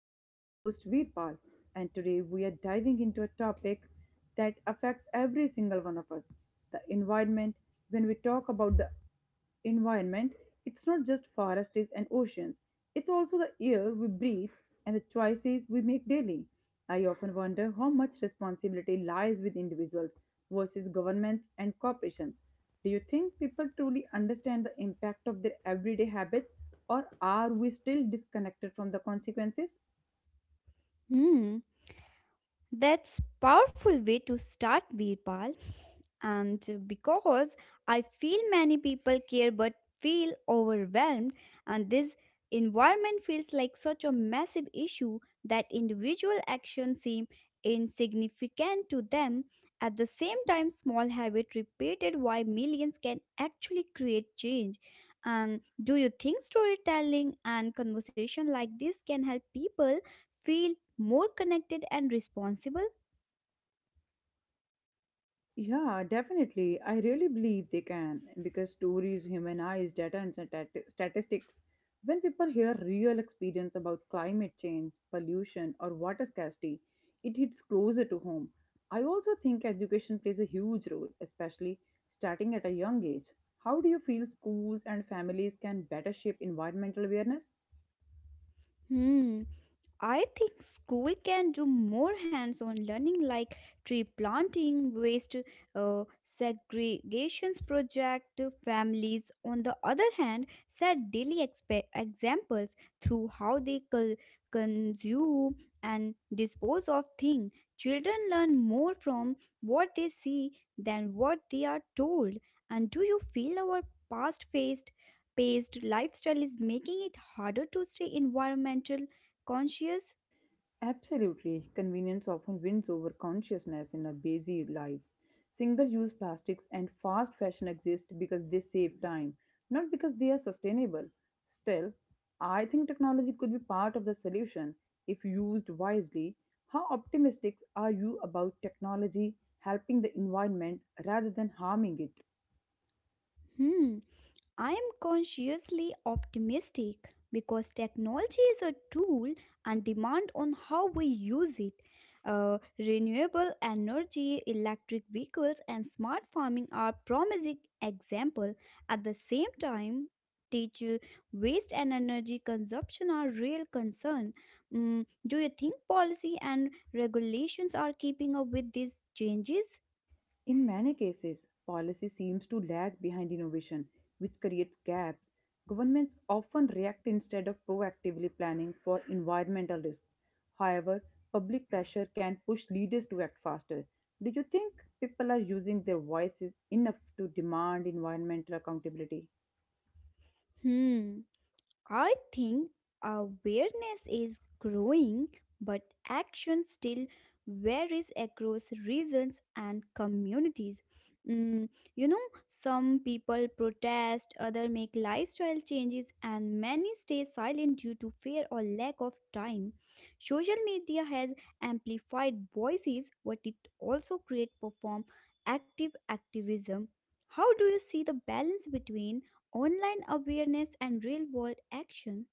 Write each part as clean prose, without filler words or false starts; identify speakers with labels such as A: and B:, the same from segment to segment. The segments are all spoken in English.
A: I'm your host, Veerpal, and today we are diving into a topic that affects every single one of us, the environment. When we talk about the environment, it's not just forests and oceans, it's also the air we breathe and the choices we make daily. I often wonder how much responsibility lies with individuals versus governments and corporations. Do you think people truly understand the impact of their everyday habits, or are we still disconnected from the consequences?
B: Hmm, that's powerful way to start Birpal. And because I feel many people care but feel overwhelmed, and this environment feels like such a massive issue that individual actions seem insignificant to them. At the same time, small habit repeated why millions can actually create change. And do you think storytelling and conversation like this can help people feel more connected and responsible?
A: Yeah, definitely. I really believe they can because stories, human eyes, data, and statistics. When people hear real experience about climate change, pollution, or water scarcity, it hits closer to home. I also think education plays a huge role, especially starting at a young age. How do you feel schools and families can better shape environmental awareness?
B: Hmm. I think school can do more hands-on learning like tree planting, waste segregations project. Families, on the other hand, set daily examples through how they consume and dispose of things. Children learn more from what they see than what they are told. And do you feel our past-faced paced lifestyle is making it harder to stay environmental conscious?
A: Absolutely, convenience often wins over consciousness in our busy lives. Single use plastics and fast fashion exist because they save time, not because they are sustainable. Still, I think technology could be part of the solution if used wisely. How optimistic are you about technology helping the environment rather than harming it?
B: Hmm, I am consciously optimistic because technology is a tool and demand on how we use it. Renewable energy, electric vehicles, and smart farming are promising example. At the same time, teacher waste and energy consumption are real concern. Do you think policy and regulations are keeping up with these changes?
A: In many cases, policy seems to lag behind innovation, which creates gaps. Governments often react instead of proactively planning for environmental risks. However, public pressure can push leaders to act faster. Do you think people are using their voices enough to demand environmental accountability?
B: Hmm. I think awareness is growing, but action still varies across regions and communities. Mm, you know, some people protest, others make lifestyle changes, and many stay silent due to fear or lack of time. Social media has amplified voices, but it also creates perform active activism. How do you see the balance between online awareness and real world action?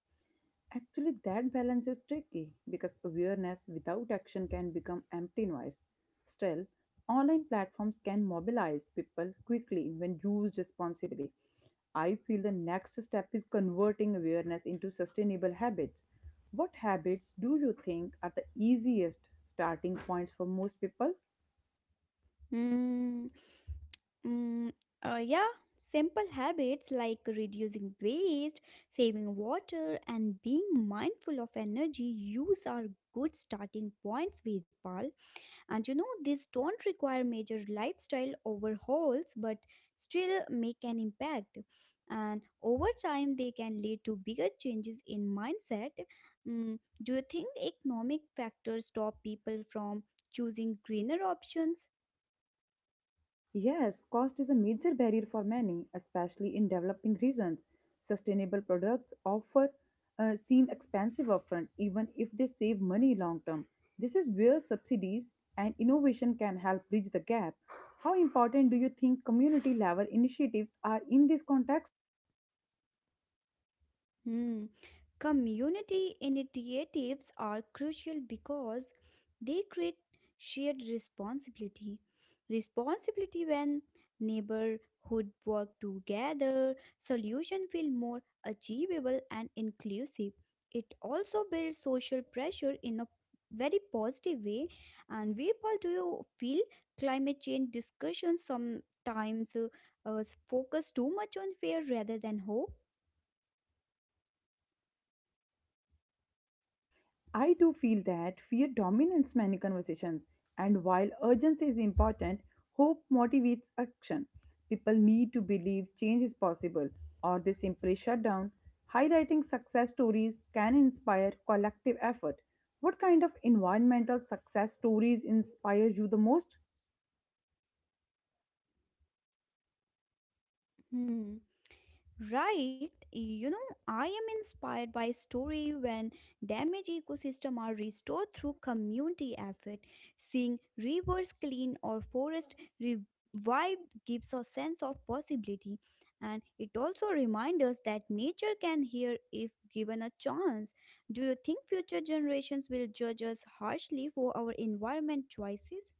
A: Actually, that balance is tricky because awareness without action can become empty noise. Still, online platforms can mobilize people quickly when used responsibly. I feel the next step is converting awareness into sustainable habits. What habits do you think are the easiest starting points for most people?
B: Hmm. Mm, yeah, simple habits like reducing waste, saving water, and being mindful of energy use are good starting points, Virpal. And these don't require major lifestyle overhauls but still make an impact. And over time, they can lead to bigger changes in mindset. Do you think economic factors stop people from choosing greener options?
A: Yes, cost is a major barrier for many, especially in developing regions. Sustainable products offer seem expensive upfront, even if they save money long term. This is where subsidies and innovation can help bridge the gap. How important do you think community level initiatives are in this context?
B: Hmm. Community initiatives are crucial because they create shared responsibility. When neighborhood work together, solution feel more achievable and inclusive. It also builds social pressure in a very positive way. And Virpal, do you feel climate change discussions sometimes focus too much on fear rather than hope?
A: I do feel that fear dominates many conversations, and while urgency is important, hope motivates action. People need to believe change is possible, or they simply shut down. Highlighting success stories can inspire collective effort. What kind of environmental success stories inspire you the most?
B: Hmm. Right, I am inspired by story when damaged ecosystem are restored through community effort. Seeing rivers clean or forest revived gives a sense of possibility, and it also reminds us that nature can heal if given a chance. Do you think future generations will judge us harshly for our environment choices?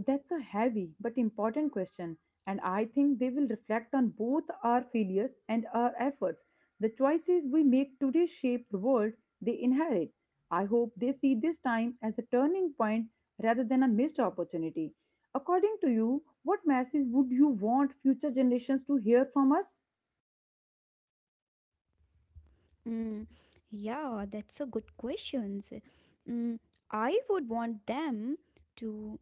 A: That's a heavy but important question, and I think they will reflect on both our failures and our efforts. The choices we make today shape the world they inherit. I hope they see this time as a turning point rather than a missed opportunity. According to you, what message would you want future generations to hear from us?
B: Mm, yeah, that's a good question. Mm, I would want them to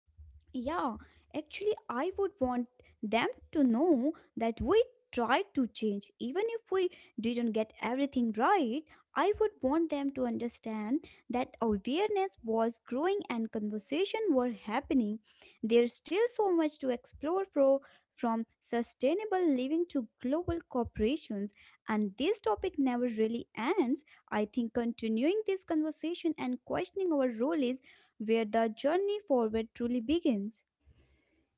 B: Yeah, actually, I would want them to know that we tried to change. Even if we didn't get everything right, I would want them to understand that awareness was growing and conversation were happening. There's still so much to explore for, from sustainable living to global corporations, and this topic never really ends. I think continuing this conversation and questioning our role is where the journey forward truly begins.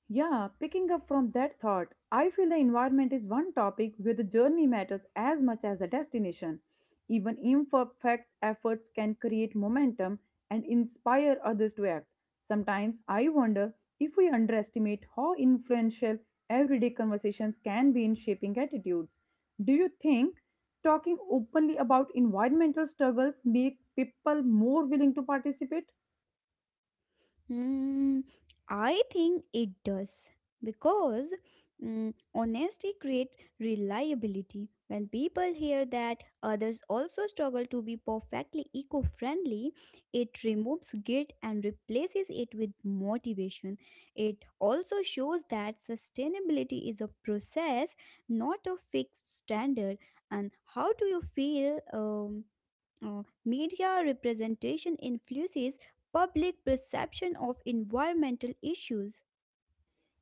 A: Yeah, picking up from that thought, I feel the environment is one topic where the journey matters as much as the destination. Even imperfect efforts can create momentum and inspire others to act. Sometimes I wonder if we underestimate how influential everyday conversations can be in shaping attitudes. Do you think talking openly about environmental struggles make people more willing to participate?
B: Hmm, I think it does because honesty creates reliability. When people hear that others also struggle to be perfectly eco friendly, it removes guilt and replaces it with motivation. It also shows that sustainability is a process, not a fixed standard. And how do you feel media representation influences public perception of environmental issues?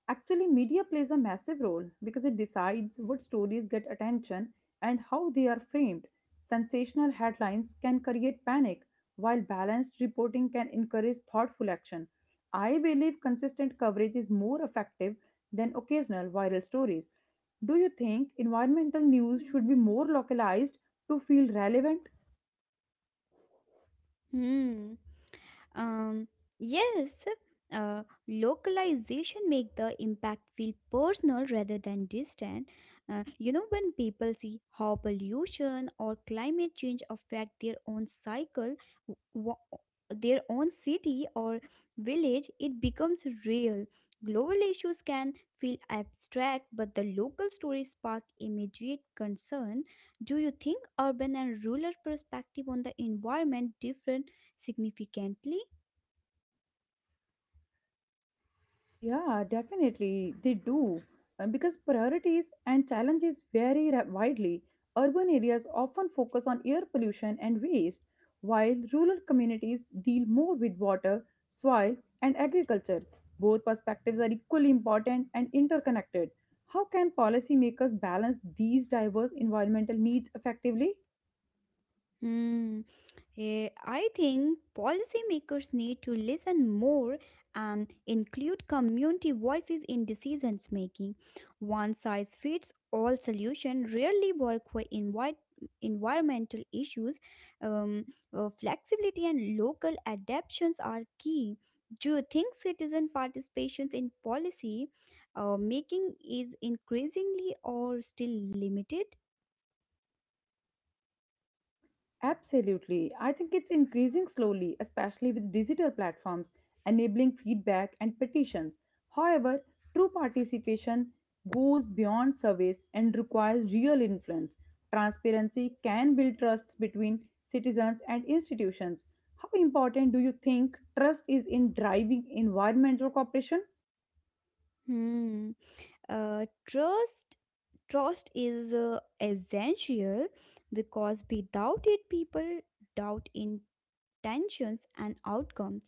A: Actually, media plays a massive role because it decides what stories get attention and how they are framed. Sensational headlines can create panic, while balanced reporting can encourage thoughtful action. I believe consistent coverage is more effective than occasional viral stories. Do you think environmental news should be more localized to feel relevant?
B: Hmm. Um, yes, localization make the impact feel personal rather than distant. When people see how pollution or climate change affect their own cycle, w- wa- their own city or village, it becomes real. Global issues can feel abstract, but the local stories spark immediate concern. Do you think urban and rural perspective on the environment different significantly?
A: Yeah, definitely they do. Because priorities and challenges vary widely. Urban areas often focus on air pollution and waste, while rural communities deal more with water, soil, and agriculture. Both perspectives are equally important and interconnected. How can policymakers balance these diverse environmental needs effectively?
B: Hmm. I think policymakers need to listen more and include community voices in decisions making. One size fits all solution rarely work for environmental issues. Um, Flexibility and local adaptations are key. Do you think citizen participations in policy making is increasingly or still limited?
A: Absolutely. I think it's increasing slowly, especially with digital platforms enabling feedback and petitions. However, true participation goes beyond surveys and requires real influence. Transparency can build trust between citizens and institutions. How important do you think trust is in driving environmental cooperation?
B: Hmm. Uh, trust Trust is essential because without it, people doubt intentions and outcomes.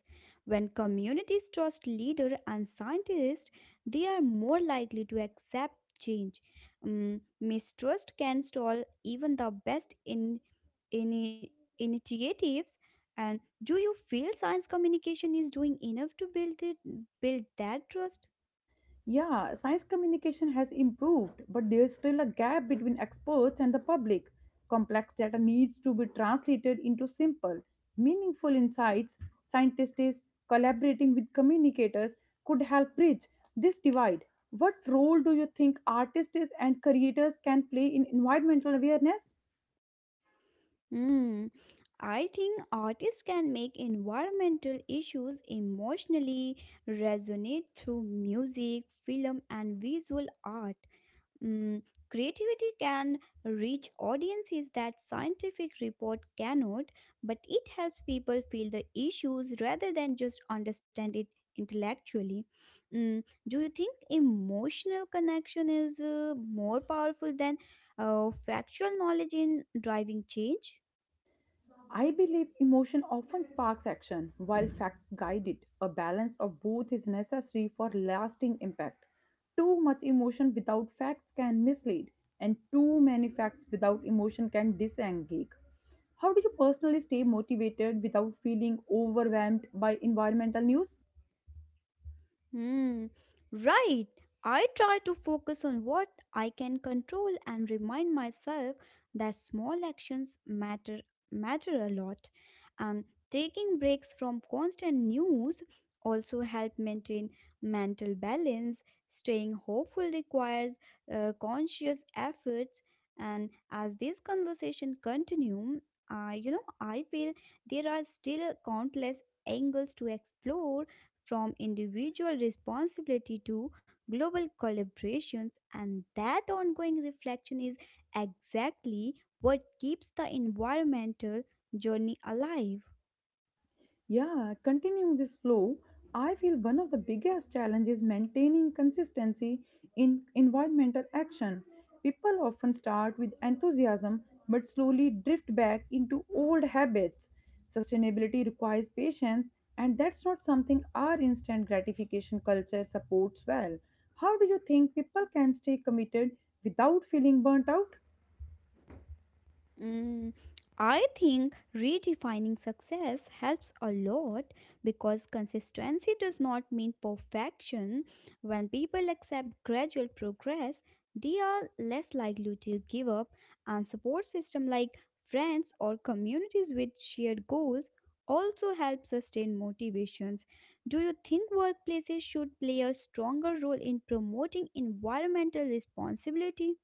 B: When communities trust leaders and scientists, they are more likely to accept change. Mistrust can stall even the best in initiatives. And do you feel science communication is doing enough to
A: Yeah, science communication has improved, but there is still a gap between experts and the public. Complex data needs to be translated into simple, meaningful insights. Scientists collaborating with communicators could help bridge this divide. What role do you think artists and creators can play in environmental awareness?
B: Hmm, I think artists can make environmental issues emotionally resonate through music, film, and visual art. Mm, Creativity can reach audiences that scientific report cannot, but it helps people feel the issues rather than just understand it intellectually. Do you think emotional connection is more powerful than factual knowledge in driving change?
A: I believe emotion often sparks action, while facts guide it. A balance of both is necessary for lasting impact. Too much emotion without facts can mislead, and too many facts without emotion can disengage. How do you personally stay motivated without feeling overwhelmed by environmental news?
B: Hmm, right. I try to focus on what I can control and remind myself that small actions matter a lot. And taking breaks from constant news also help maintain mental balance. Staying hopeful requires conscious efforts. And as this conversation continue, I feel there are still countless angles to explore from individual responsibility to global collaborations, and that ongoing reflection is exactly what keeps the environmental journey alive.
A: Yeah, continuing this flow, I feel one of the biggest challenges maintaining consistency in environmental action. People often start with enthusiasm but slowly drift back into old habits. Sustainability requires patience, and that's not something our instant gratification culture supports well. How do you think people can stay committed without feeling burnt out?
B: Mm, I think redefining success helps a lot because consistency does not mean perfection. When people accept gradual progress, they are less likely to give up, and support system like friends or communities with shared goals also help sustain motivations. Do you think workplaces should play a stronger role in promoting environmental responsibility?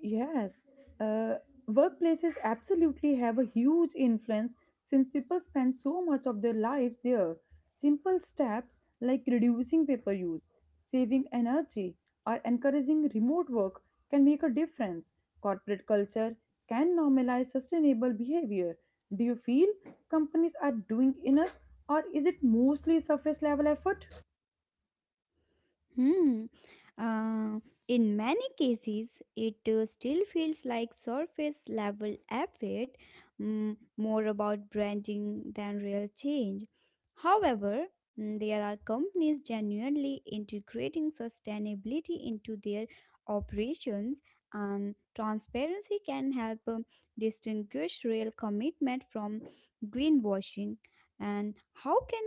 A: Yes, uh, workplaces absolutely have a huge influence since people spend so much of their lives there. Simple steps like reducing paper use, saving energy, or encouraging remote work can make a difference. Corporate culture can normalize sustainable behavior. Do you feel companies are doing enough, or is it mostly surface level effort?
B: Hmm. Uh, in many cases, it still feels like surface level effort, more about branding than real change. However, there are companies genuinely integrating sustainability into their operations, and transparency can help distinguish real commitment from greenwashing. And how can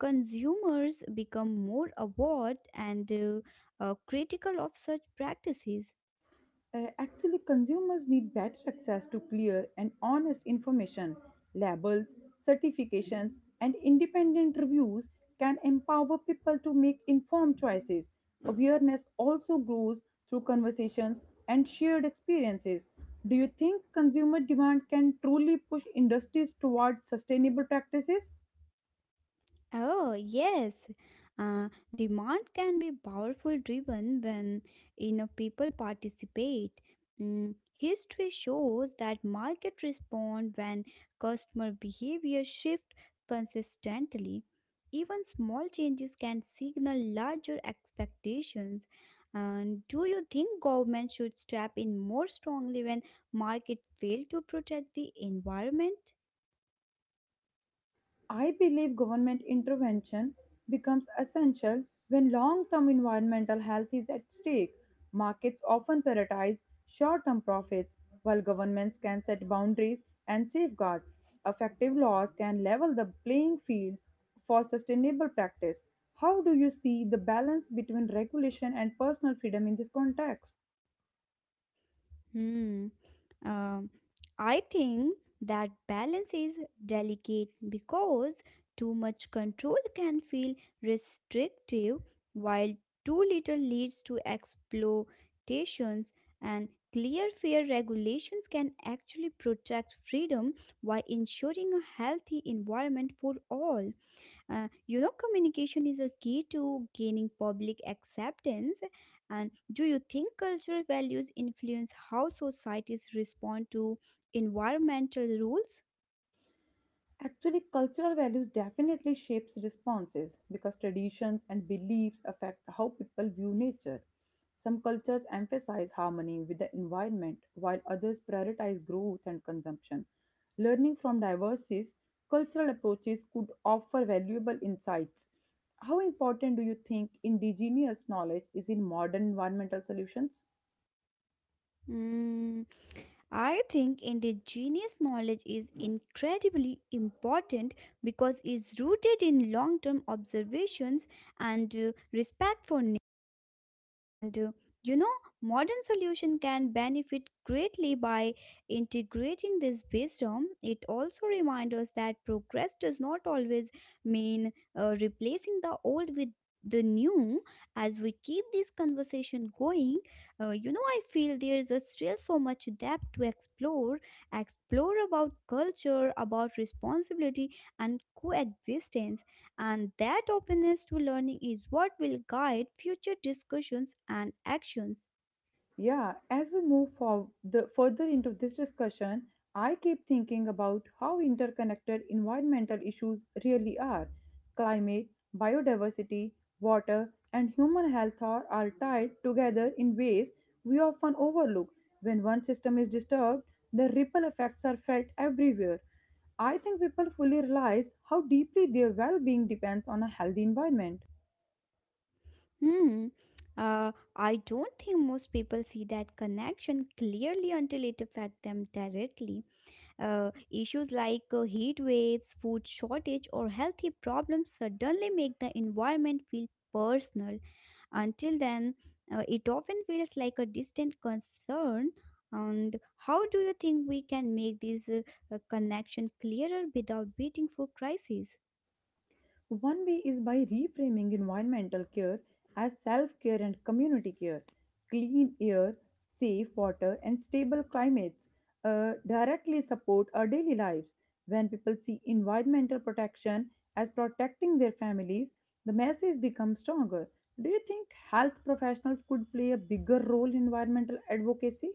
B: consumers become more aware and critical of such practices?
A: Actually, consumers need better access to clear and honest information. Labels, certifications, and independent reviews can empower people to make informed choices. Awareness also grows through conversations and shared experiences. Do you think consumer demand can truly push industries towards sustainable practices?
B: Oh, yes. Uh, Demand can be powerful driven when enough people participate. History shows that market respond when customer behavior shift consistently. Even small changes can signal larger expectations. And do you think government should step in more strongly when market fail to protect the environment?
A: I believe government intervention becomes essential when long term environmental health is at stake. Markets often prioritize short term profits, while governments can set boundaries and safeguards. Effective laws can level the playing field for sustainable practice. How do you see the balance between regulation and personal freedom in this context?
B: Hmm. Um, I think that balance is delicate because too much control can feel restrictive, while too little leads to exploitations, and clear fair regulations can actually protect freedom while ensuring a healthy environment for all. Communication is a key to gaining public acceptance. And do you think cultural values influence how societies respond to environmental rules?
A: Actually, cultural values definitely shapes responses because traditions and beliefs affect how people view nature. Some cultures emphasize harmony with the environment while others prioritize growth and consumption. Learning from diverse cultural approaches could offer valuable insights. How important do you think indigenous knowledge is in modern environmental solutions?
B: Mm, I think indigenous knowledge is incredibly important because it's rooted in long term observations and respect for And you know, modern solution can benefit greatly by integrating this wisdom. It also reminds us that progress does not always mean replacing the old with the new. As we keep this conversation going, I feel there is a still so much depth to explore about culture, about responsibility and coexistence and that openness to learning is what will guide future discussions and actions.
A: Yeah, as we move further into this discussion, I keep thinking about how interconnected environmental issues really are. Climate, biodiversity, water, and human health are tied together in ways we often overlook. When one system is disturbed, the ripple effects are felt everywhere. I think people fully realize how deeply their well being depends on a healthy environment.
B: Hmm. I don't think most people see that connection clearly until it affects them directly. Issues like heat waves, food shortage, or healthy problems suddenly make the environment feel personal. Until then, it often feels like a distant concern. And how do you think we can make this connection clearer without waiting for crises?
A: One way is by reframing environmental care as self care and community care. Clean air, safe water, and stable climates directly support our daily lives. When people see environmental protection as protecting their families, the message becomes stronger. Do you think health professionals could play a bigger role in environmental advocacy?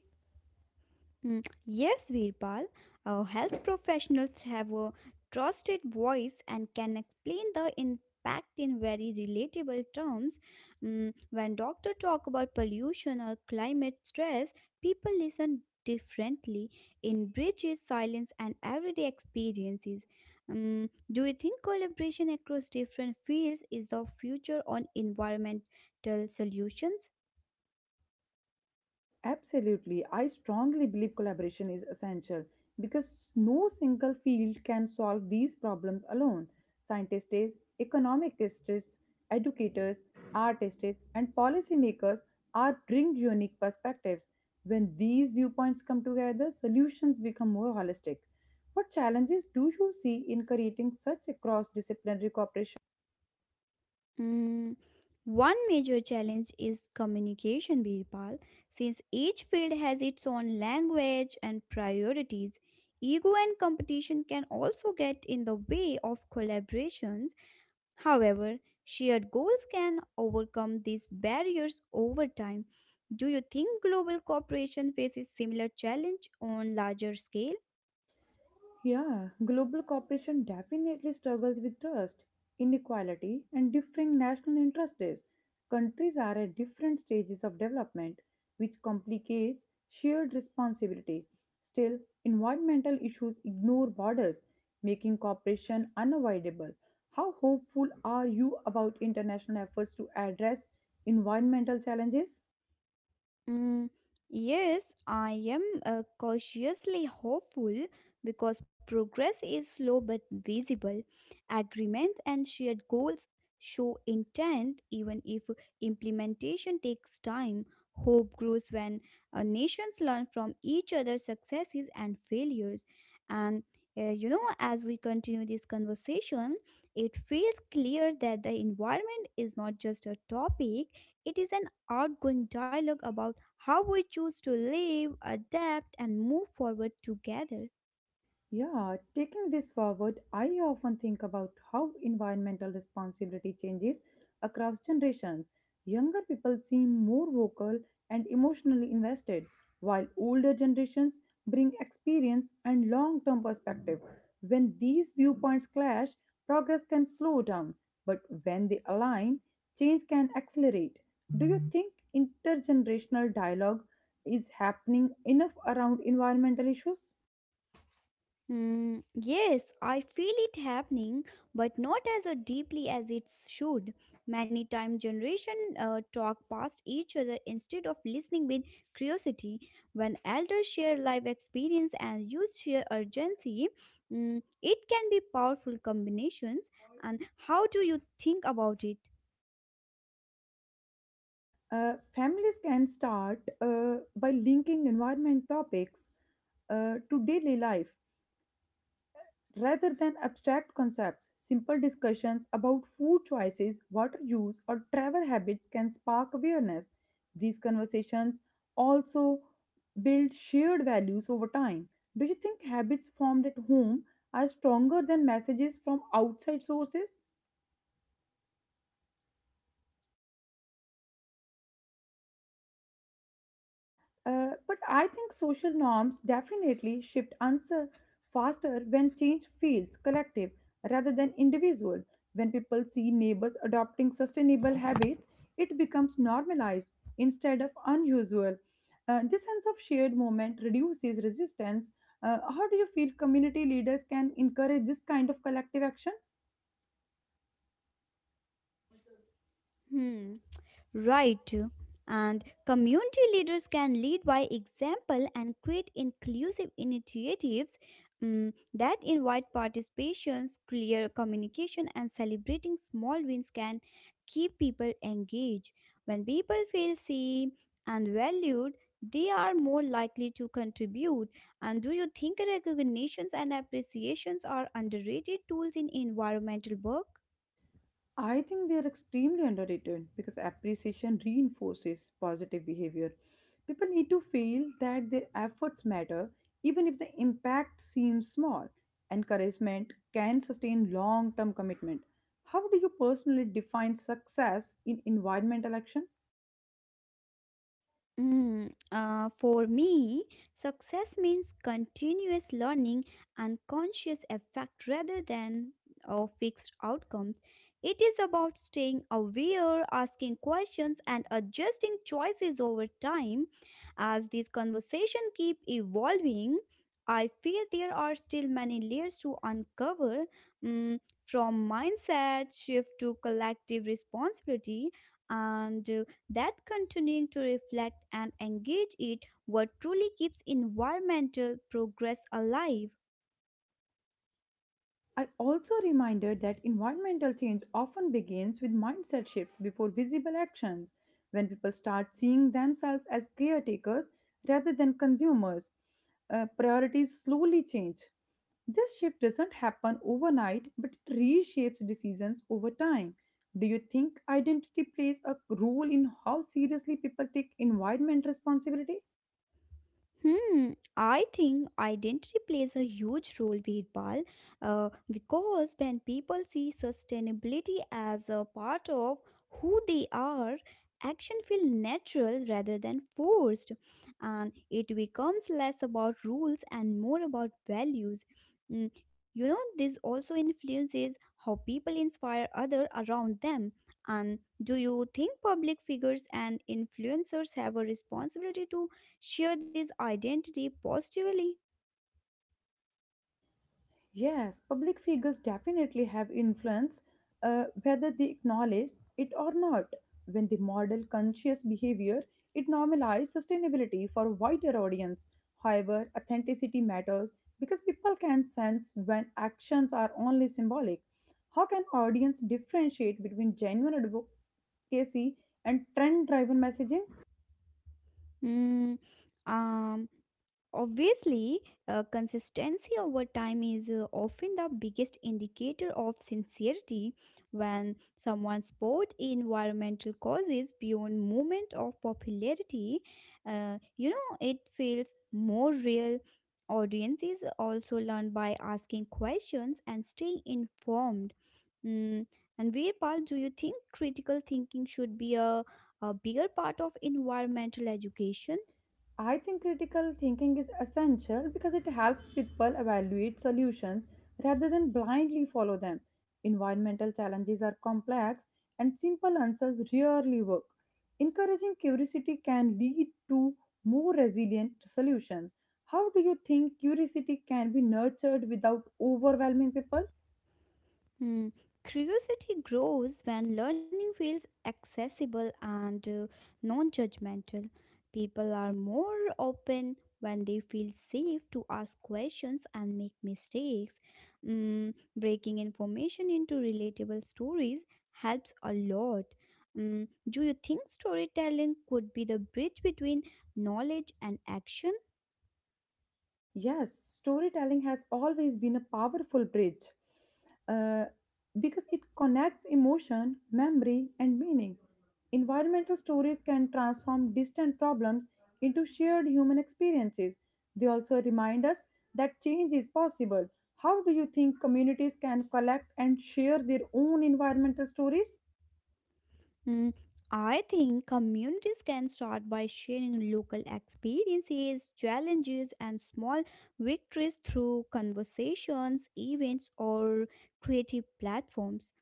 B: Yes, Veerpal, our health professionals have a trusted voice and can explain the impact in very relatable terms. When doctors talk about pollution or climate stress, people listen differently in bridges, silence, and everyday experiences. Do you think collaboration across different fields is the future on environmental solutions?
A: Absolutely. I strongly believe collaboration is essential because no single field can solve these problems alone. Scientists, economic tests, educators, artists, and policymakers are bring unique perspectives. When these viewpoints come together, solutions become more holistic. What challenges do you see in creating such a cross-disciplinary cooperation?
B: Mm, One major challenge is communication, Birpal. Since each field has its own language and priorities, ego and competition can also get in the way of collaborations. However, shared goals can overcome these barriers over time. Do you think global cooperation faces similar challenge on larger scale?
A: Yeah, global cooperation definitely struggles with trust, inequality, and differing national interests. Countries are at different stages of development, which complicates shared responsibility. Still, environmental issues ignore borders, making cooperation unavoidable. How hopeful are you about international efforts to address environmental challenges?
B: Mm, yes, I am cautiously hopeful because progress is slow but visible. Agreements and shared goals show intent even if implementation takes time. Hope grows when nations learn from each other's successes and failures. And as we continue this conversation, it feels clear that the environment is not just a topic, it is an outgoing dialogue about how we choose to live, adapt, and move forward together.
A: Yeah, taking this forward, I often think about how environmental responsibility changes across generations. Younger people seem more vocal and emotionally invested, while older generations bring experience and long term perspective. When these viewpoints clash, progress can slow down, but when they align, change can accelerate. Do you think intergenerational dialogue is happening enough around environmental issues?
B: Yes, I feel it happening, but not as deeply as it should. Many time generation talk past each other instead of listening with curiosity. When elders share life experience and youth share urgency, it can be powerful combinations. And how do you think about it?
A: Families can start by linking environment topics to daily life rather than abstract concepts. Simple discussions about food choices, water use, or travel habits can spark awareness. These conversations also build shared values over time. Do you think habits formed at home are stronger than messages from outside sources? But I think social norms definitely shift answer faster when change feels collective rather than individual. When people see neighbors adopting sustainable habits, it becomes normalized instead of unusual. This sense of shared moment reduces resistance. How do you feel community leaders can encourage this kind of collective action?
B: Hmm. Right. And community leaders can lead by example and create inclusive initiatives that invite participations, clear communication, and celebrating small wins can keep people engaged. When people feel seen and valued, they are more likely to contribute. And do you think recognitions and appreciations are underrated tools in environmental work?
A: I think they are extremely underrated because appreciation reinforces positive behavior. People need to feel that their efforts matter, even if the impact seems small. Encouragement can sustain long term commitment. How do you personally define success in environmental action?
B: For me, success means continuous learning and conscious effect rather than a fixed outcomes. It is about staying aware, asking questions, and adjusting choices over time. As these conversations keep evolving, I feel there are still many layers to uncover, mm, from mindset shift to collective responsibility and that continuing to reflect and engage it what truly keeps environmental progress alive.
A: I also reminded that environmental change often begins with mindset shifts before visible actions, when people start seeing themselves as caretakers rather than consumers. Priorities slowly change. This shift doesn't happen overnight, but it reshapes decisions over time. Do you think identity plays a role in how seriously people take environment responsibility?
B: I think identity plays a huge role, Veerpal, because when people see sustainability as a part of who they are, action feels natural rather than forced, and it becomes less about rules and more about values. You know, this also influences how people inspire others around them. And do you think public figures and influencers have a responsibility to share this identity positively?
A: Yes, public figures definitely have influence, whether they acknowledge it or not. When they model conscious behavior, it normalizes sustainability for a wider audience. However, authenticity matters because people can sense when actions are only symbolic. How can audience differentiate between genuine advocacy and trend-driven messaging?
B: Mm, um, Obviously, consistency over time is often the biggest indicator of sincerity. When someone supports environmental causes beyond moment of popularity, you know, it feels more real. Audiences also learn by asking questions and staying informed. Mm, and where paul do you think critical thinking should be a bigger part of environmental education?
A: I think critical thinking is essential because it helps people evaluate solutions rather than blindly follow them. Environmental challenges are complex and simple answers rarely work. Encouraging curiosity can lead to more resilient solutions. How do you think curiosity can be nurtured without overwhelming people?
B: Hmm, Curiosity grows when learning feels accessible and non judgmental. People are more open when they feel safe to ask questions and make mistakes. Breaking information into relatable stories helps a lot. Do you think storytelling could be the bridge between knowledge and action?
A: Yes, storytelling has always been a powerful bridge, uh, because it connects emotion, memory, and meaning. Environmental stories can transform distant problems into shared human experiences. They also remind us that change is possible. How do you think communities can collect and share their own environmental stories?
B: Mm, I think communities can start by sharing local experiences, challenges, and small victories through conversations, events, or creative platforms.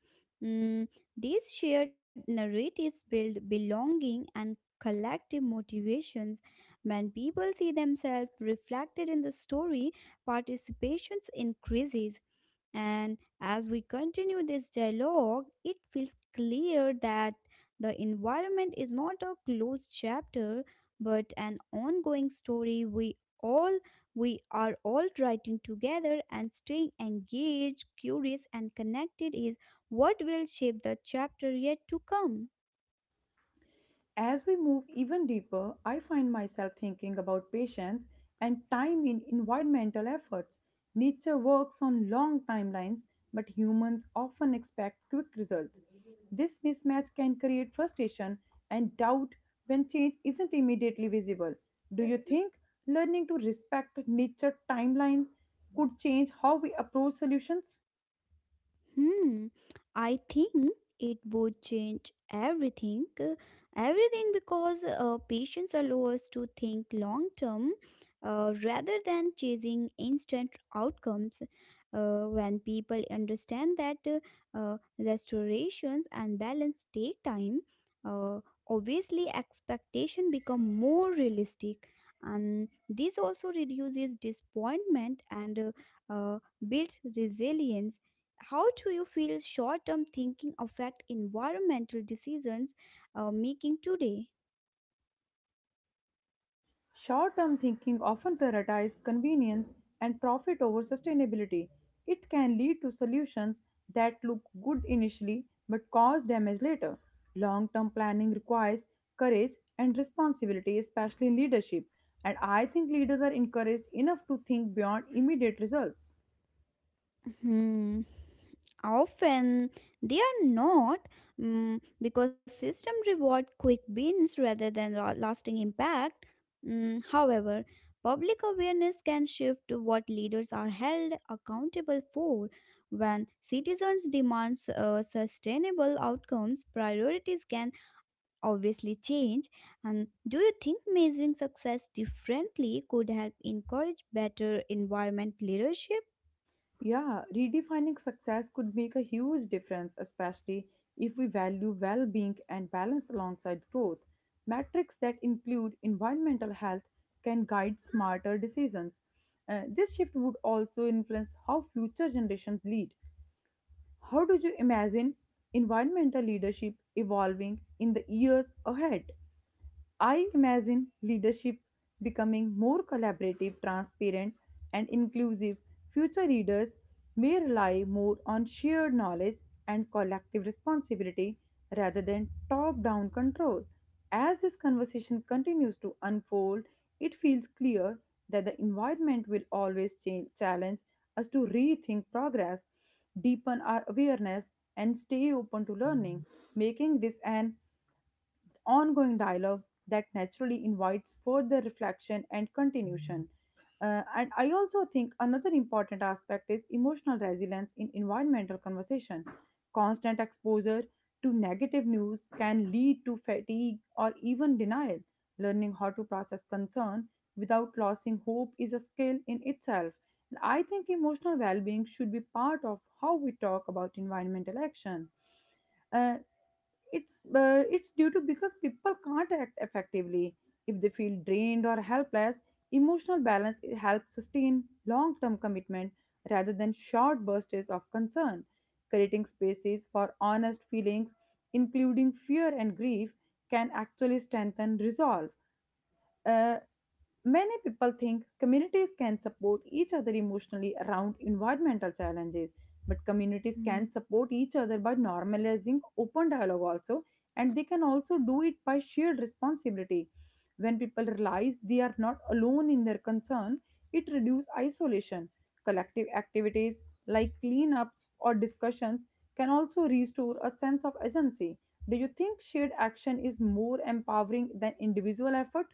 B: Mm, these shared narratives build belonging and collective motivations. When people see themselves reflected in the story, participation increases. And as we continue this dialogue, it feels clear that the environment is not a closed chapter but an ongoing story we are all writing together, and staying engaged, curious and connected is what will shape the chapter yet to come.
A: As we move even deeper, I find myself thinking about patience and time in environmental efforts. Nature works on long timelines, but humans often expect quick results. This mismatch can create frustration and doubt when change isn't immediately visible. Do you think learning to respect nature timeline could change how we approach solutions?
B: Hmm, I think it would change everything because patience allow us to think long term rather than chasing instant outcomes. When people understand that restorations and balance take time, uh, obviously expectation become more realistic, and this also reduces disappointment and uh, builds resilience. How do you feel short-term thinking affect environmental decisions making today?
A: Short term thinking often prioritizes convenience and profit over sustainability. It can lead to solutions that look good initially but cause damage later. Long term planning requires courage and responsibility, especially in leadership, and I think leaders are encouraged enough to think beyond immediate results.
B: Hmm. Often they are not, because system reward quick wins rather than lasting impact. However, public awareness can shift to what leaders are held accountable for. When citizens demand sustainable outcomes, priorities can obviously change. And do you think measuring success differently could help encourage better environment leadership?
A: Yeah, redefining success could make a huge difference, especially if we value well being and balance alongside growth. Metrics that include environmental health can guide smarter decisions. This shift would also influence how future generations lead. How do you imagine environmental leadership evolving in the years ahead? I imagine leadership becoming more collaborative, transparent, and inclusive. Future leaders may rely more on shared knowledge and collective responsibility rather than top down control. As this conversation continues to unfold, it feels clear that the environment will always change, challenge us to rethink progress, deepen our awareness, and stay open to learning, making this an ongoing dialogue that naturally invites further reflection and continuation. And I also think another important aspect is emotional resilience in environmental conversation. Constant exposure to negative news can lead to fatigue or even denial. Learning how to process concern without losing hope is a skill in itself. And I think emotional well being should be part of how we talk about environmental action. Uh, it's due to because people can't act effectively if they feel drained or helpless. Emotional balance, it helps sustain long term commitment rather than short bursts of concern. Creating spaces for honest feelings, including fear and grief, can actually strengthen resolve. Uh, Many people think communities can support each other emotionally around environmental challenges, but communities
B: Mm,
A: can support each other by normalizing open dialogue also, and they can also do it by shared responsibility. When people realize they are not alone in their concern, it reduces isolation. Collective activities like cleanups or discussions can also restore a sense of agency. Do you think shared action is more empowering than individual effort?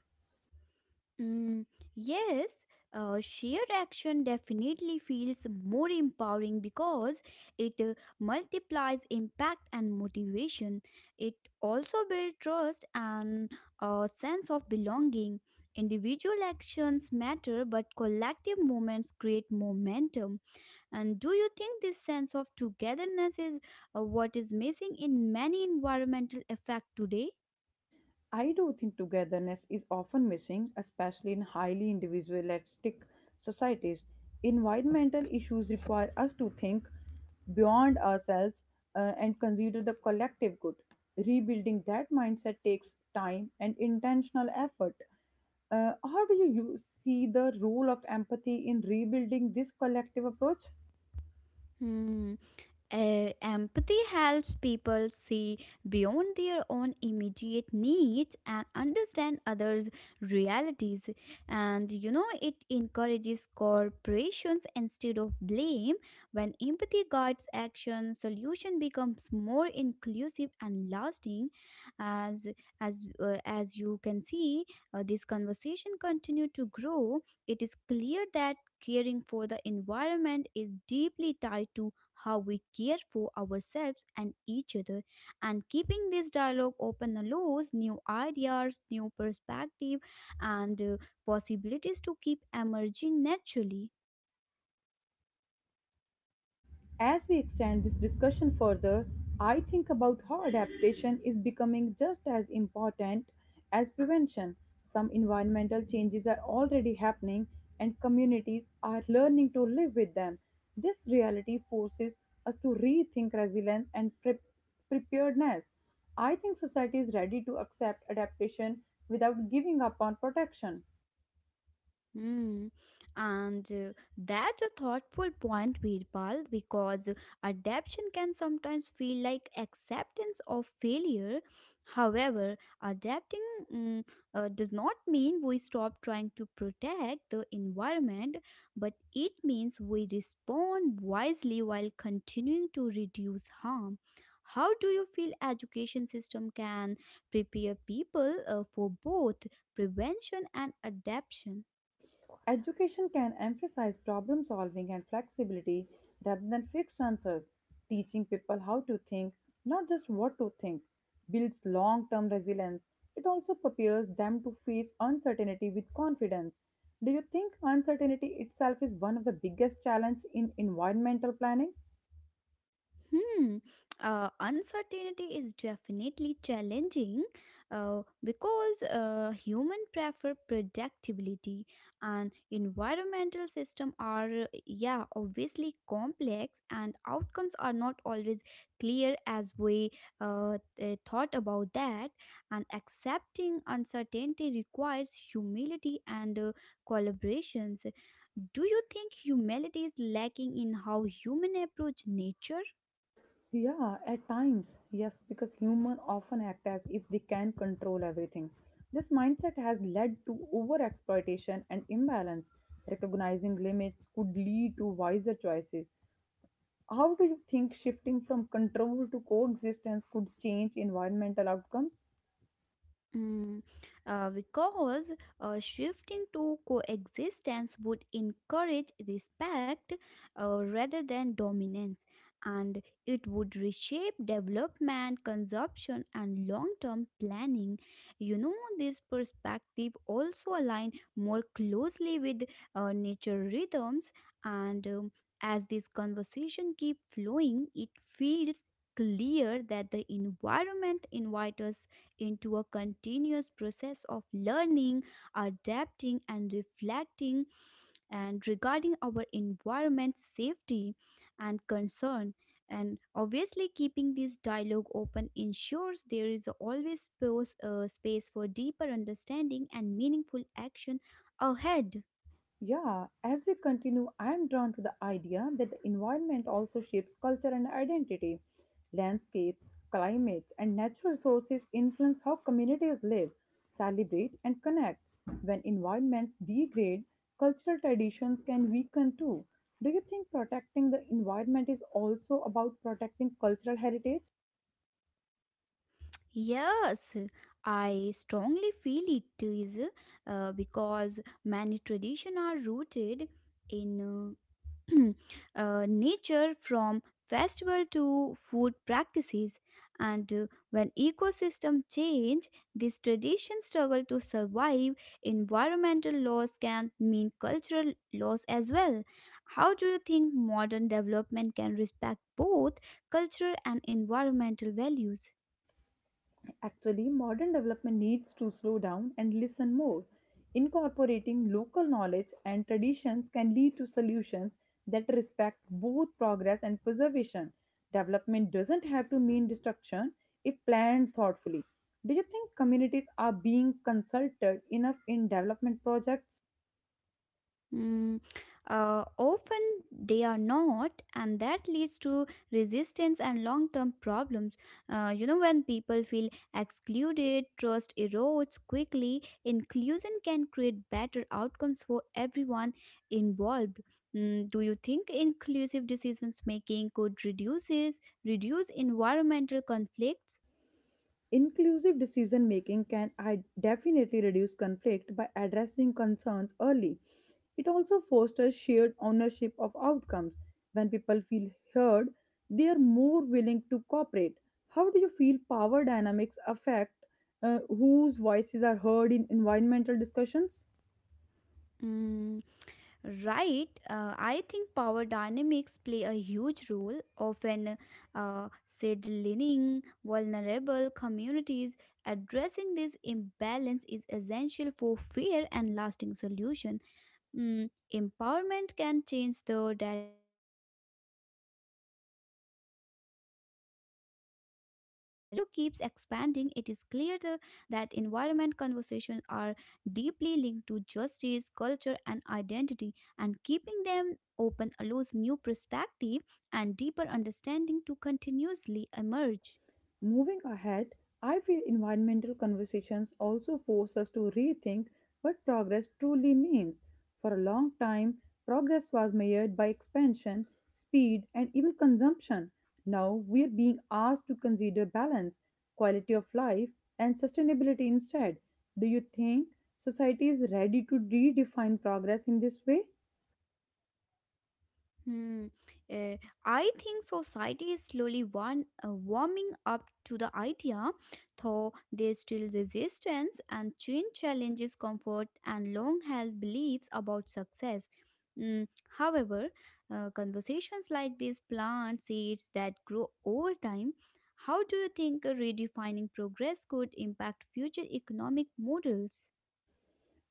B: mm, yes, shared action definitely feels more empowering because it multiplies impact and motivation. It also builds trust and a sense of belonging. Individual actions matter, but collective moments create momentum. And do you think this sense of togetherness is what is missing in many environmental effect today?
A: I do think togetherness is often missing, especially in highly individualistic societies. Environmental issues require us to think beyond ourselves and consider the collective good. Rebuilding that mindset takes time and intentional effort. How do you see the role of empathy in rebuilding this collective approach?
B: Hmm. Empathy helps people see beyond their own immediate needs and understand others' realities. And you know, it encourages corporations instead of blame. When empathy guides action, solution becomes more inclusive and lasting. As as you can see, this conversation continue to grow. It is clear that caring for the environment is deeply tied to how we care for ourselves and each other, and keeping this dialogue open allows new ideas, new perspective and possibilities to keep emerging naturally.
A: As we extend this discussion further, I think about how adaptation is becoming just as important as prevention. Some environmental changes are already happening and communities are learning to live with them. This reality forces us to rethink resilience and preparedness. I think society is ready to accept adaptation without giving up on protection.
B: Mm. And that's a thoughtful point, Veerpal, because adaptation can sometimes feel like acceptance of failure. However, adapting mm, does not mean we stop trying to protect the environment, but it means we respond wisely while continuing to reduce harm. How do you feel education system can prepare people for both prevention and adaptation?
A: Education can emphasize problem solving and flexibility rather than fixed answers. Teaching people how to think, not just what to think, builds long term resilience. It also prepares them to face uncertainty with confidence. Do you think uncertainty itself is one of the biggest challenges in environmental planning?
B: Hmm. Uncertainty is definitely challenging because human prefer predictability, and environmental system are yeah, obviously complex, and outcomes are not always clear as we thought about that. And accepting uncertainty requires humility and collaborations. Do you think humility is lacking in how human approach nature?
A: Yeah, at times, yes, because humans often act as if they can control everything. This mindset has led to overexploitation and imbalance. Recognizing limits could lead to wiser choices. How do you think shifting from control to coexistence could change environmental outcomes?
B: Mm, because shifting to coexistence would encourage respect rather than dominance, and it would reshape development, consumption, and long term planning. You know, this perspective also align more closely with nature rhythms, and as this conversation keep flowing, it feels clear that the environment invites us into a continuous process of learning, adapting, and reflecting, and regarding our environment safety and concern. And obviously, keeping this dialogue open ensures there is always space for deeper understanding and meaningful action ahead.
A: Yeah, as we continue, I am drawn to the idea that the environment also shapes culture and identity. Landscapes, climates, and natural sources influence how communities live, celebrate, and connect. When environments degrade,
B: Hmm.
A: cultural traditions can weaken too. Do you think protecting the environment is also about protecting cultural heritage?
B: Yes, I strongly feel it is, because many traditions are rooted in nature, from festival to food practices, and when ecosystem change these traditions struggle to survive. Environmental laws can mean cultural loss as well. How do you think modern development can respect both cultural and environmental values?
A: Actually, modern development needs to slow down and listen more. Incorporating local knowledge and traditions can lead to solutions that respect both progress and preservation. Development doesn't have to mean destruction if planned thoughtfully. Do you think communities are being consulted enough in development projects?
B: Mm, Often they are not, and that leads to resistance and long term problems. You know, when people feel excluded, trust erodes quickly. Inclusion can create better outcomes for everyone involved. Do you think inclusive decisions making could reduce environmental conflicts?
A: Inclusive decision making can I definitely reduce conflict by addressing concerns early. It also fosters shared ownership of outcomes. When people feel heard, they are more willing to cooperate. How do you feel power dynamics affect whose voices are heard in environmental discussions?
B: Mm, Right, I think power dynamics play a huge role. Often, settling vulnerable communities, addressing this imbalance is essential for fair and lasting solution. Empowerment can change the this dialogue keeps expanding. It is clear that environment conversations are deeply linked to justice, culture, and identity, and keeping them open allows new perspective and deeper understanding to continuously emerge.
A: Moving ahead, I feel environmental conversations also force us to rethink what progress truly means. For a long time, progress was measured by expansion, speed, and even consumption. Now we are being asked to consider balance, quality of life, and sustainability instead. Do you think society is ready to redefine progress in this way?
B: Hmm. eh, I think society is slowly one, warming up to the idea, though there's still resistance, and change challenges comfort and long-held beliefs about success. Mm, However, conversations like these plant seeds that grow over time. How do you think redefining progress could impact future economic models?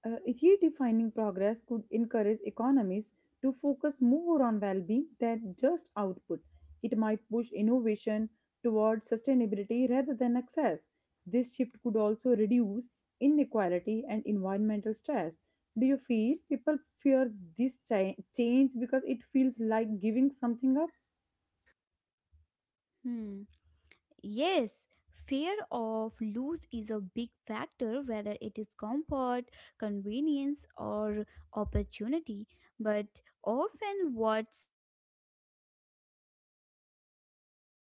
A: Uh, redefining progress could encourage economies to focus more on well being than just output. It might push innovation towards sustainability rather than access. This shift could also reduce inequality and environmental stress. Do you feel people fear this change because it feels like giving something up?
B: Hmm. Yes, fear of loss is a big factor, whether it is comfort, convenience, or opportunity. But often, what's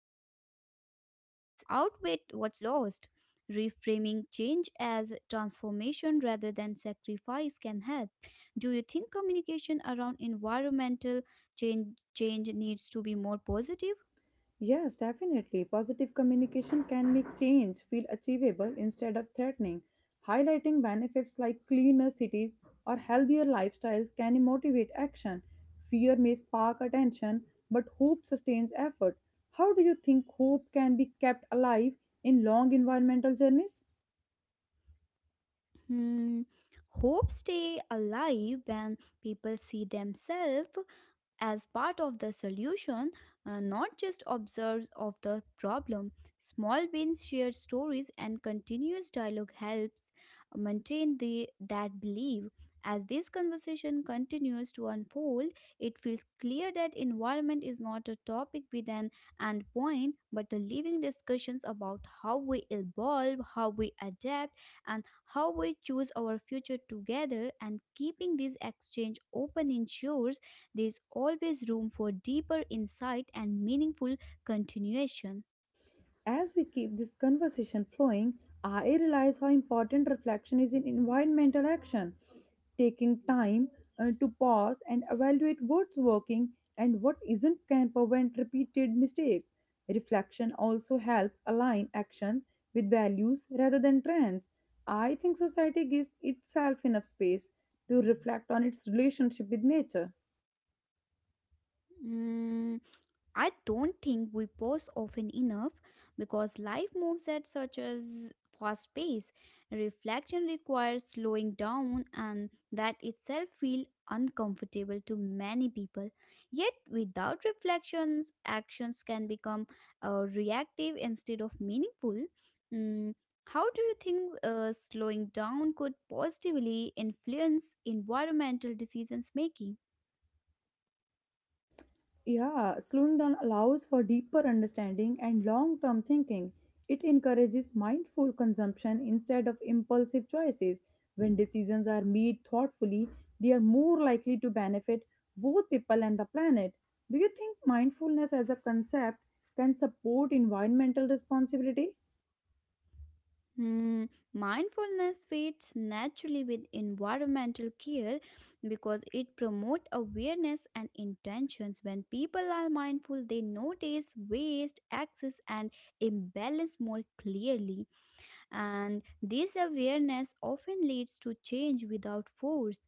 B: in outweighs what's lost. Reframing change as transformation rather than sacrifice can help. Do you think communication around environmental change change needs to be more positive?
A: Yes, definitely. Positive communication can make change feel achievable instead of threatening. Highlighting benefits like cleaner cities or healthier lifestyles can motivate action. Fear may spark attention, but hope sustains effort. How do you think hope can be kept alive in long environmental journeys?
B: Hmm, Hope stay alive when people see themselves as part of the solution, not just observers of the problem. Small wins, shared stories, and continuous dialogue helps maintain the that belief. As this conversation continues to unfold, it feels clear that environment is not a topic with an end point, but a living discussions about how we evolve, how we adapt, and how we choose our future together, and keeping this exchange open ensures there is always room for deeper insight and meaningful continuation.
A: As we keep this conversation flowing, I realize how important reflection is in environmental action. Taking time to pause and evaluate what's working and what isn't can prevent repeated mistakes. Reflection also helps align action with values rather than trends. I think society gives itself enough space to reflect on its relationship with nature.
B: Mm, I don't think we pause often enough because life moves at such a fast pace. Reflection requires slowing down, and that itself feels uncomfortable to many people. Yet, without reflections, actions can become reactive instead of meaningful. Mm, how do you think slowing down could positively influence environmental decisions making?
A: Yeah, slowing down allows for deeper understanding and long term thinking. It encourages mindful consumption instead of impulsive choices. When decisions are made thoughtfully, they are more likely to benefit both people and the planet. Do you think mindfulness as a concept can support environmental responsibility?
B: Hmm, Mindfulness fits naturally with environmental care because it promotes awareness and intentions. When people are mindful, they notice waste, excess, and imbalance more clearly. And this awareness often leads to change without force.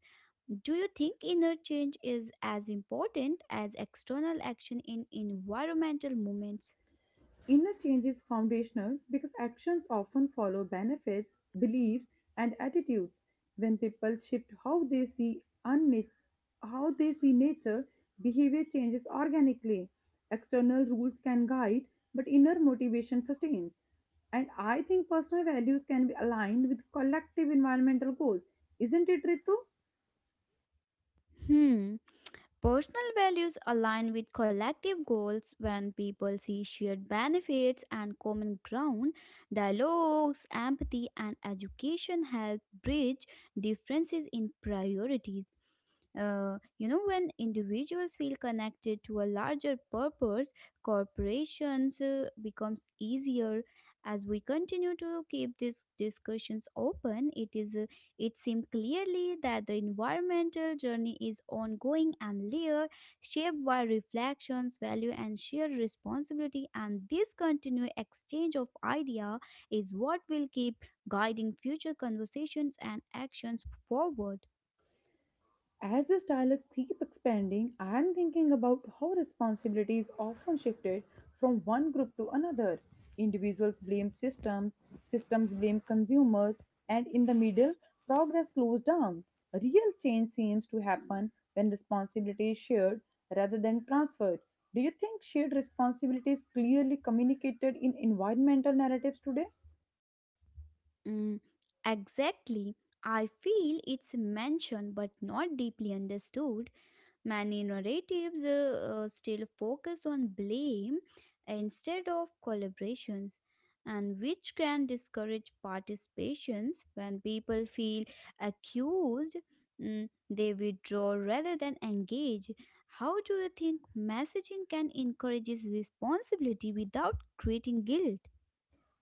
B: Do you think inner change is as important as external action in environmental movements?
A: Inner change is foundational because actions often follow benefits, beliefs, and attitudes. When people shift how they see nature, behavior changes organically. External rules can guide, but inner motivation sustains. And I think personal values can be aligned with collective environmental goals. Isn't it, Ritu?
B: Hmm. Personal values align with collective goals when people see shared benefits and common ground. Dialogues, empathy, and education help bridge differences in priorities. You know, when individuals feel connected to a larger purpose, corporations becomes easier. As we continue to keep these discussions open, it seemed clearly that the environmental journey is ongoing and layered, shaped by reflections, value, and shared responsibility. And this continued exchange of idea is what will keep guiding future conversations and actions forward.
A: As this dialogue keeps expanding, I am thinking about how responsibility is often shifted from one group to another. Individuals blame systems, systems blame consumers, and in the middle, progress slows down. Real change seems to happen when responsibility is shared rather than transferred. Do you think shared responsibility is clearly communicated in environmental narratives today?
B: Mm, exactly. I feel it's mentioned but not deeply understood. Many narratives still focus on blame instead of collaborations, and which can discourage participations when people feel accused. They withdraw rather than engage. How do you think messaging can encourage responsibility without creating guilt?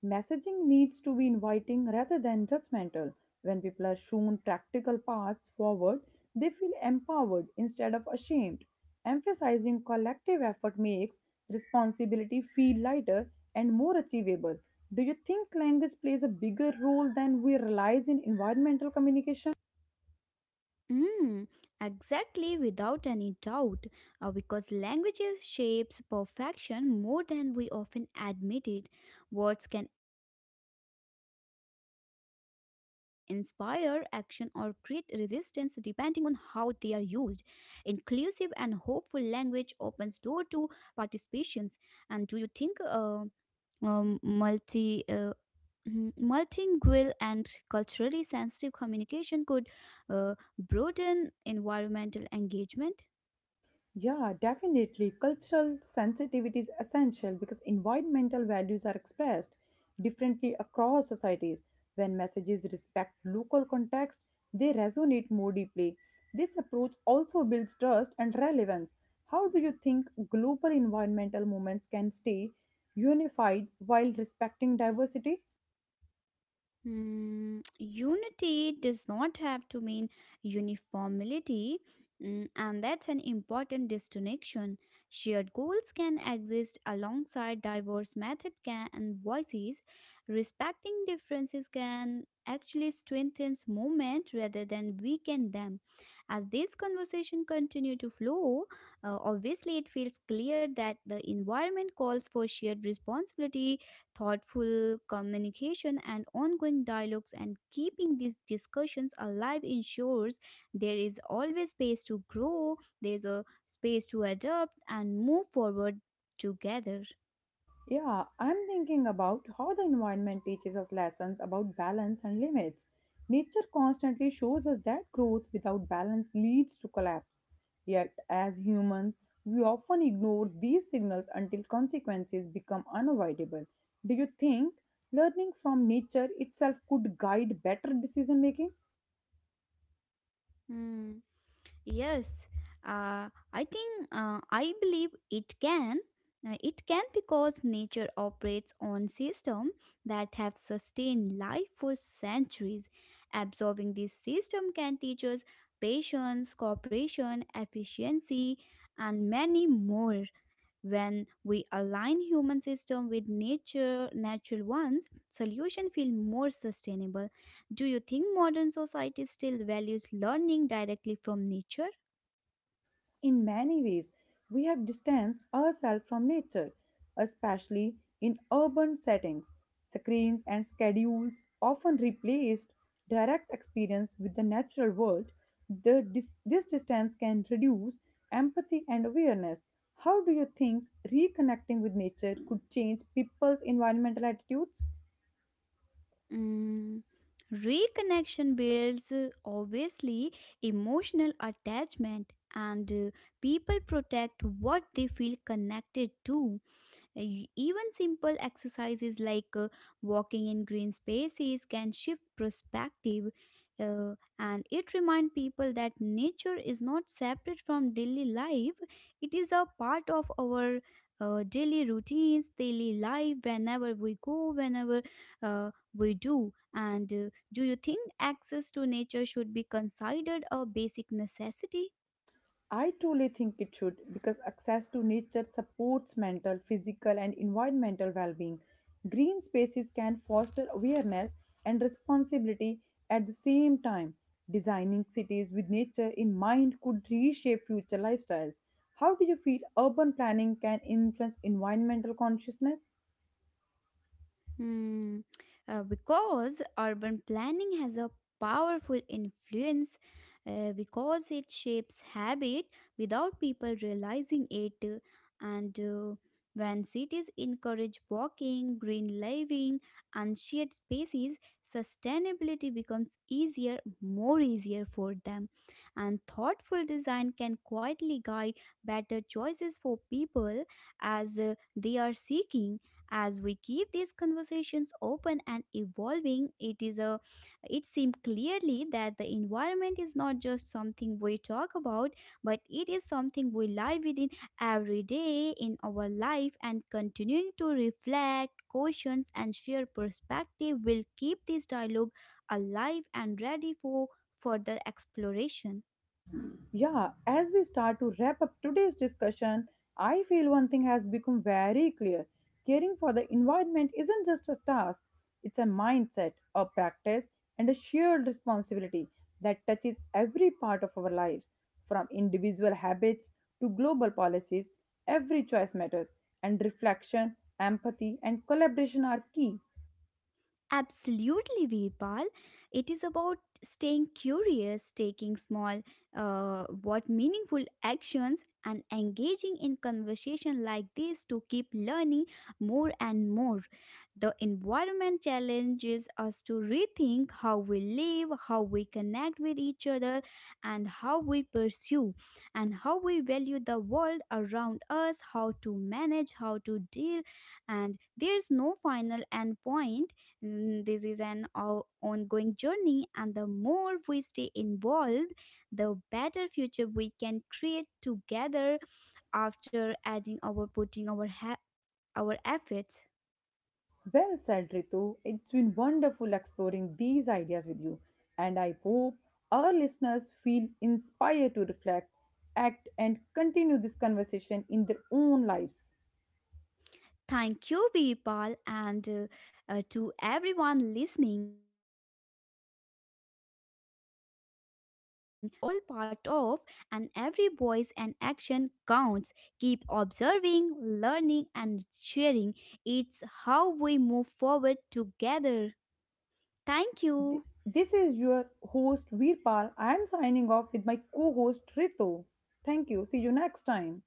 A: Messaging needs to be inviting rather than judgmental. When people are shown practical paths forward, they feel empowered instead of ashamed. Emphasizing collective effort makes responsibility feel lighter and more achievable. Do you think language plays a bigger role than we realize in environmental communication?
B: Mm, exactly, without any doubt, because languages shapes perfection more than we often admit it. Words can inspire action or create resistance depending on how they are used. Inclusive and hopeful language opens door to participations. And do you think multi. Mhm. Multilingual and culturally sensitive communication could broaden environmental engagement?
A: Yeah, definitely. Cultural sensitivity is essential because environmental values are expressed differently across societies. When messages respect local context, they resonate more deeply. This approach also builds trust and relevance. How do you think global environmental movements can stay unified while respecting diversity?
B: Unity does not have to mean uniformity, and that's an important distinction. Shared goals can exist alongside diverse methods can, and voices. Respecting differences can actually strengthen movement rather than weaken them. As this conversation continue to flow, obviously it feels clear that the environment calls for shared responsibility, thoughtful communication and ongoing dialogues, and keeping these discussions alive ensures there is always space to grow, there's a space to adapt and move forward together.
A: Yeah, I'm thinking about how the environment teaches us lessons about balance and limits. Nature constantly shows us that growth without balance leads to collapse. Yet, as humans, we often ignore these signals until consequences become unavoidable. Do you think learning from nature itself could guide better decision making?
B: Hmm. Yes, I believe it can. It can because nature operates on systems that have sustained life for centuries. Absorbing this system can teach us patience, cooperation, efficiency, and many more. When we align human system with nature, natural ones, solution feel more sustainable. Do you think modern society still values learning directly from nature?
A: In many ways, we have distanced ourselves from nature, especially in urban settings. Screens and schedules often replaced direct experience with the natural world. This distance can reduce empathy and awareness. How do you think reconnecting with nature could change people's environmental attitudes?
B: Mm, Reconnection builds obviously emotional attachment, and people protect what they feel connected to. Uh, Even simple exercises like walking in green spaces can shift perspective, uh, and it reminds people that nature is not separate from daily life, it is a part of our daily routines, daily life, whenever we go, whenever uh, we do. And do you think access to nature should be considered a basic necessity?
A: I truly think it should because access to nature supports mental, physical, and environmental well being. Green spaces can foster awareness and responsibility at the same time. Designing cities with nature in mind could reshape future lifestyles. How do you feel urban planning can influence environmental consciousness?
B: Hmm. Because urban planning has a powerful influence, because it shapes habit without people realizing it, and when cities encourage walking, green living, and shared spaces, sustainability becomes easier, more easier for them, and thoughtful design can quietly guide better choices for people as they are seeking. As we keep these conversations open and evolving, it is a it seems clearly that the environment is not just something we talk about, but it is something we live within every day in our life, and continuing to reflect, questions and share perspective will keep this dialogue alive and ready for further exploration.
A: Yeah, as we start to wrap up today's discussion, I feel one thing has become very clear. Caring for the environment isn't just a task, it's a mindset, a practice, and a shared responsibility that touches every part of our lives. From individual habits to global policies, every choice matters, and reflection, empathy, and collaboration are key.
B: Absolutely, Veerpal. It is about staying curious, taking small, what meaningful actions, and engaging in conversation like this to keep learning more and more. The environment challenges us to rethink how we live, how we connect with each other, and how we pursue, and how we value the world around us, how to manage, how to deal, and there's no final end point. This is an ongoing journey, and the more we stay involved, the better future we can create together after adding our our efforts.
A: Well said, Ritu. It's been wonderful exploring these ideas with you, and I hope our listeners feel inspired to reflect, act, and continue this conversation in their own lives.
B: Thank you, Virpal, and to everyone listening. Remember, environment is a story we are all part of, and every voice and action counts. Keep observing, learning, and sharing. It's how we move forward together. Thank
A: Th-
B: you.
A: This is your host, Veerpal. I am signing off with my co host, Ritu. Thank you. See you next time.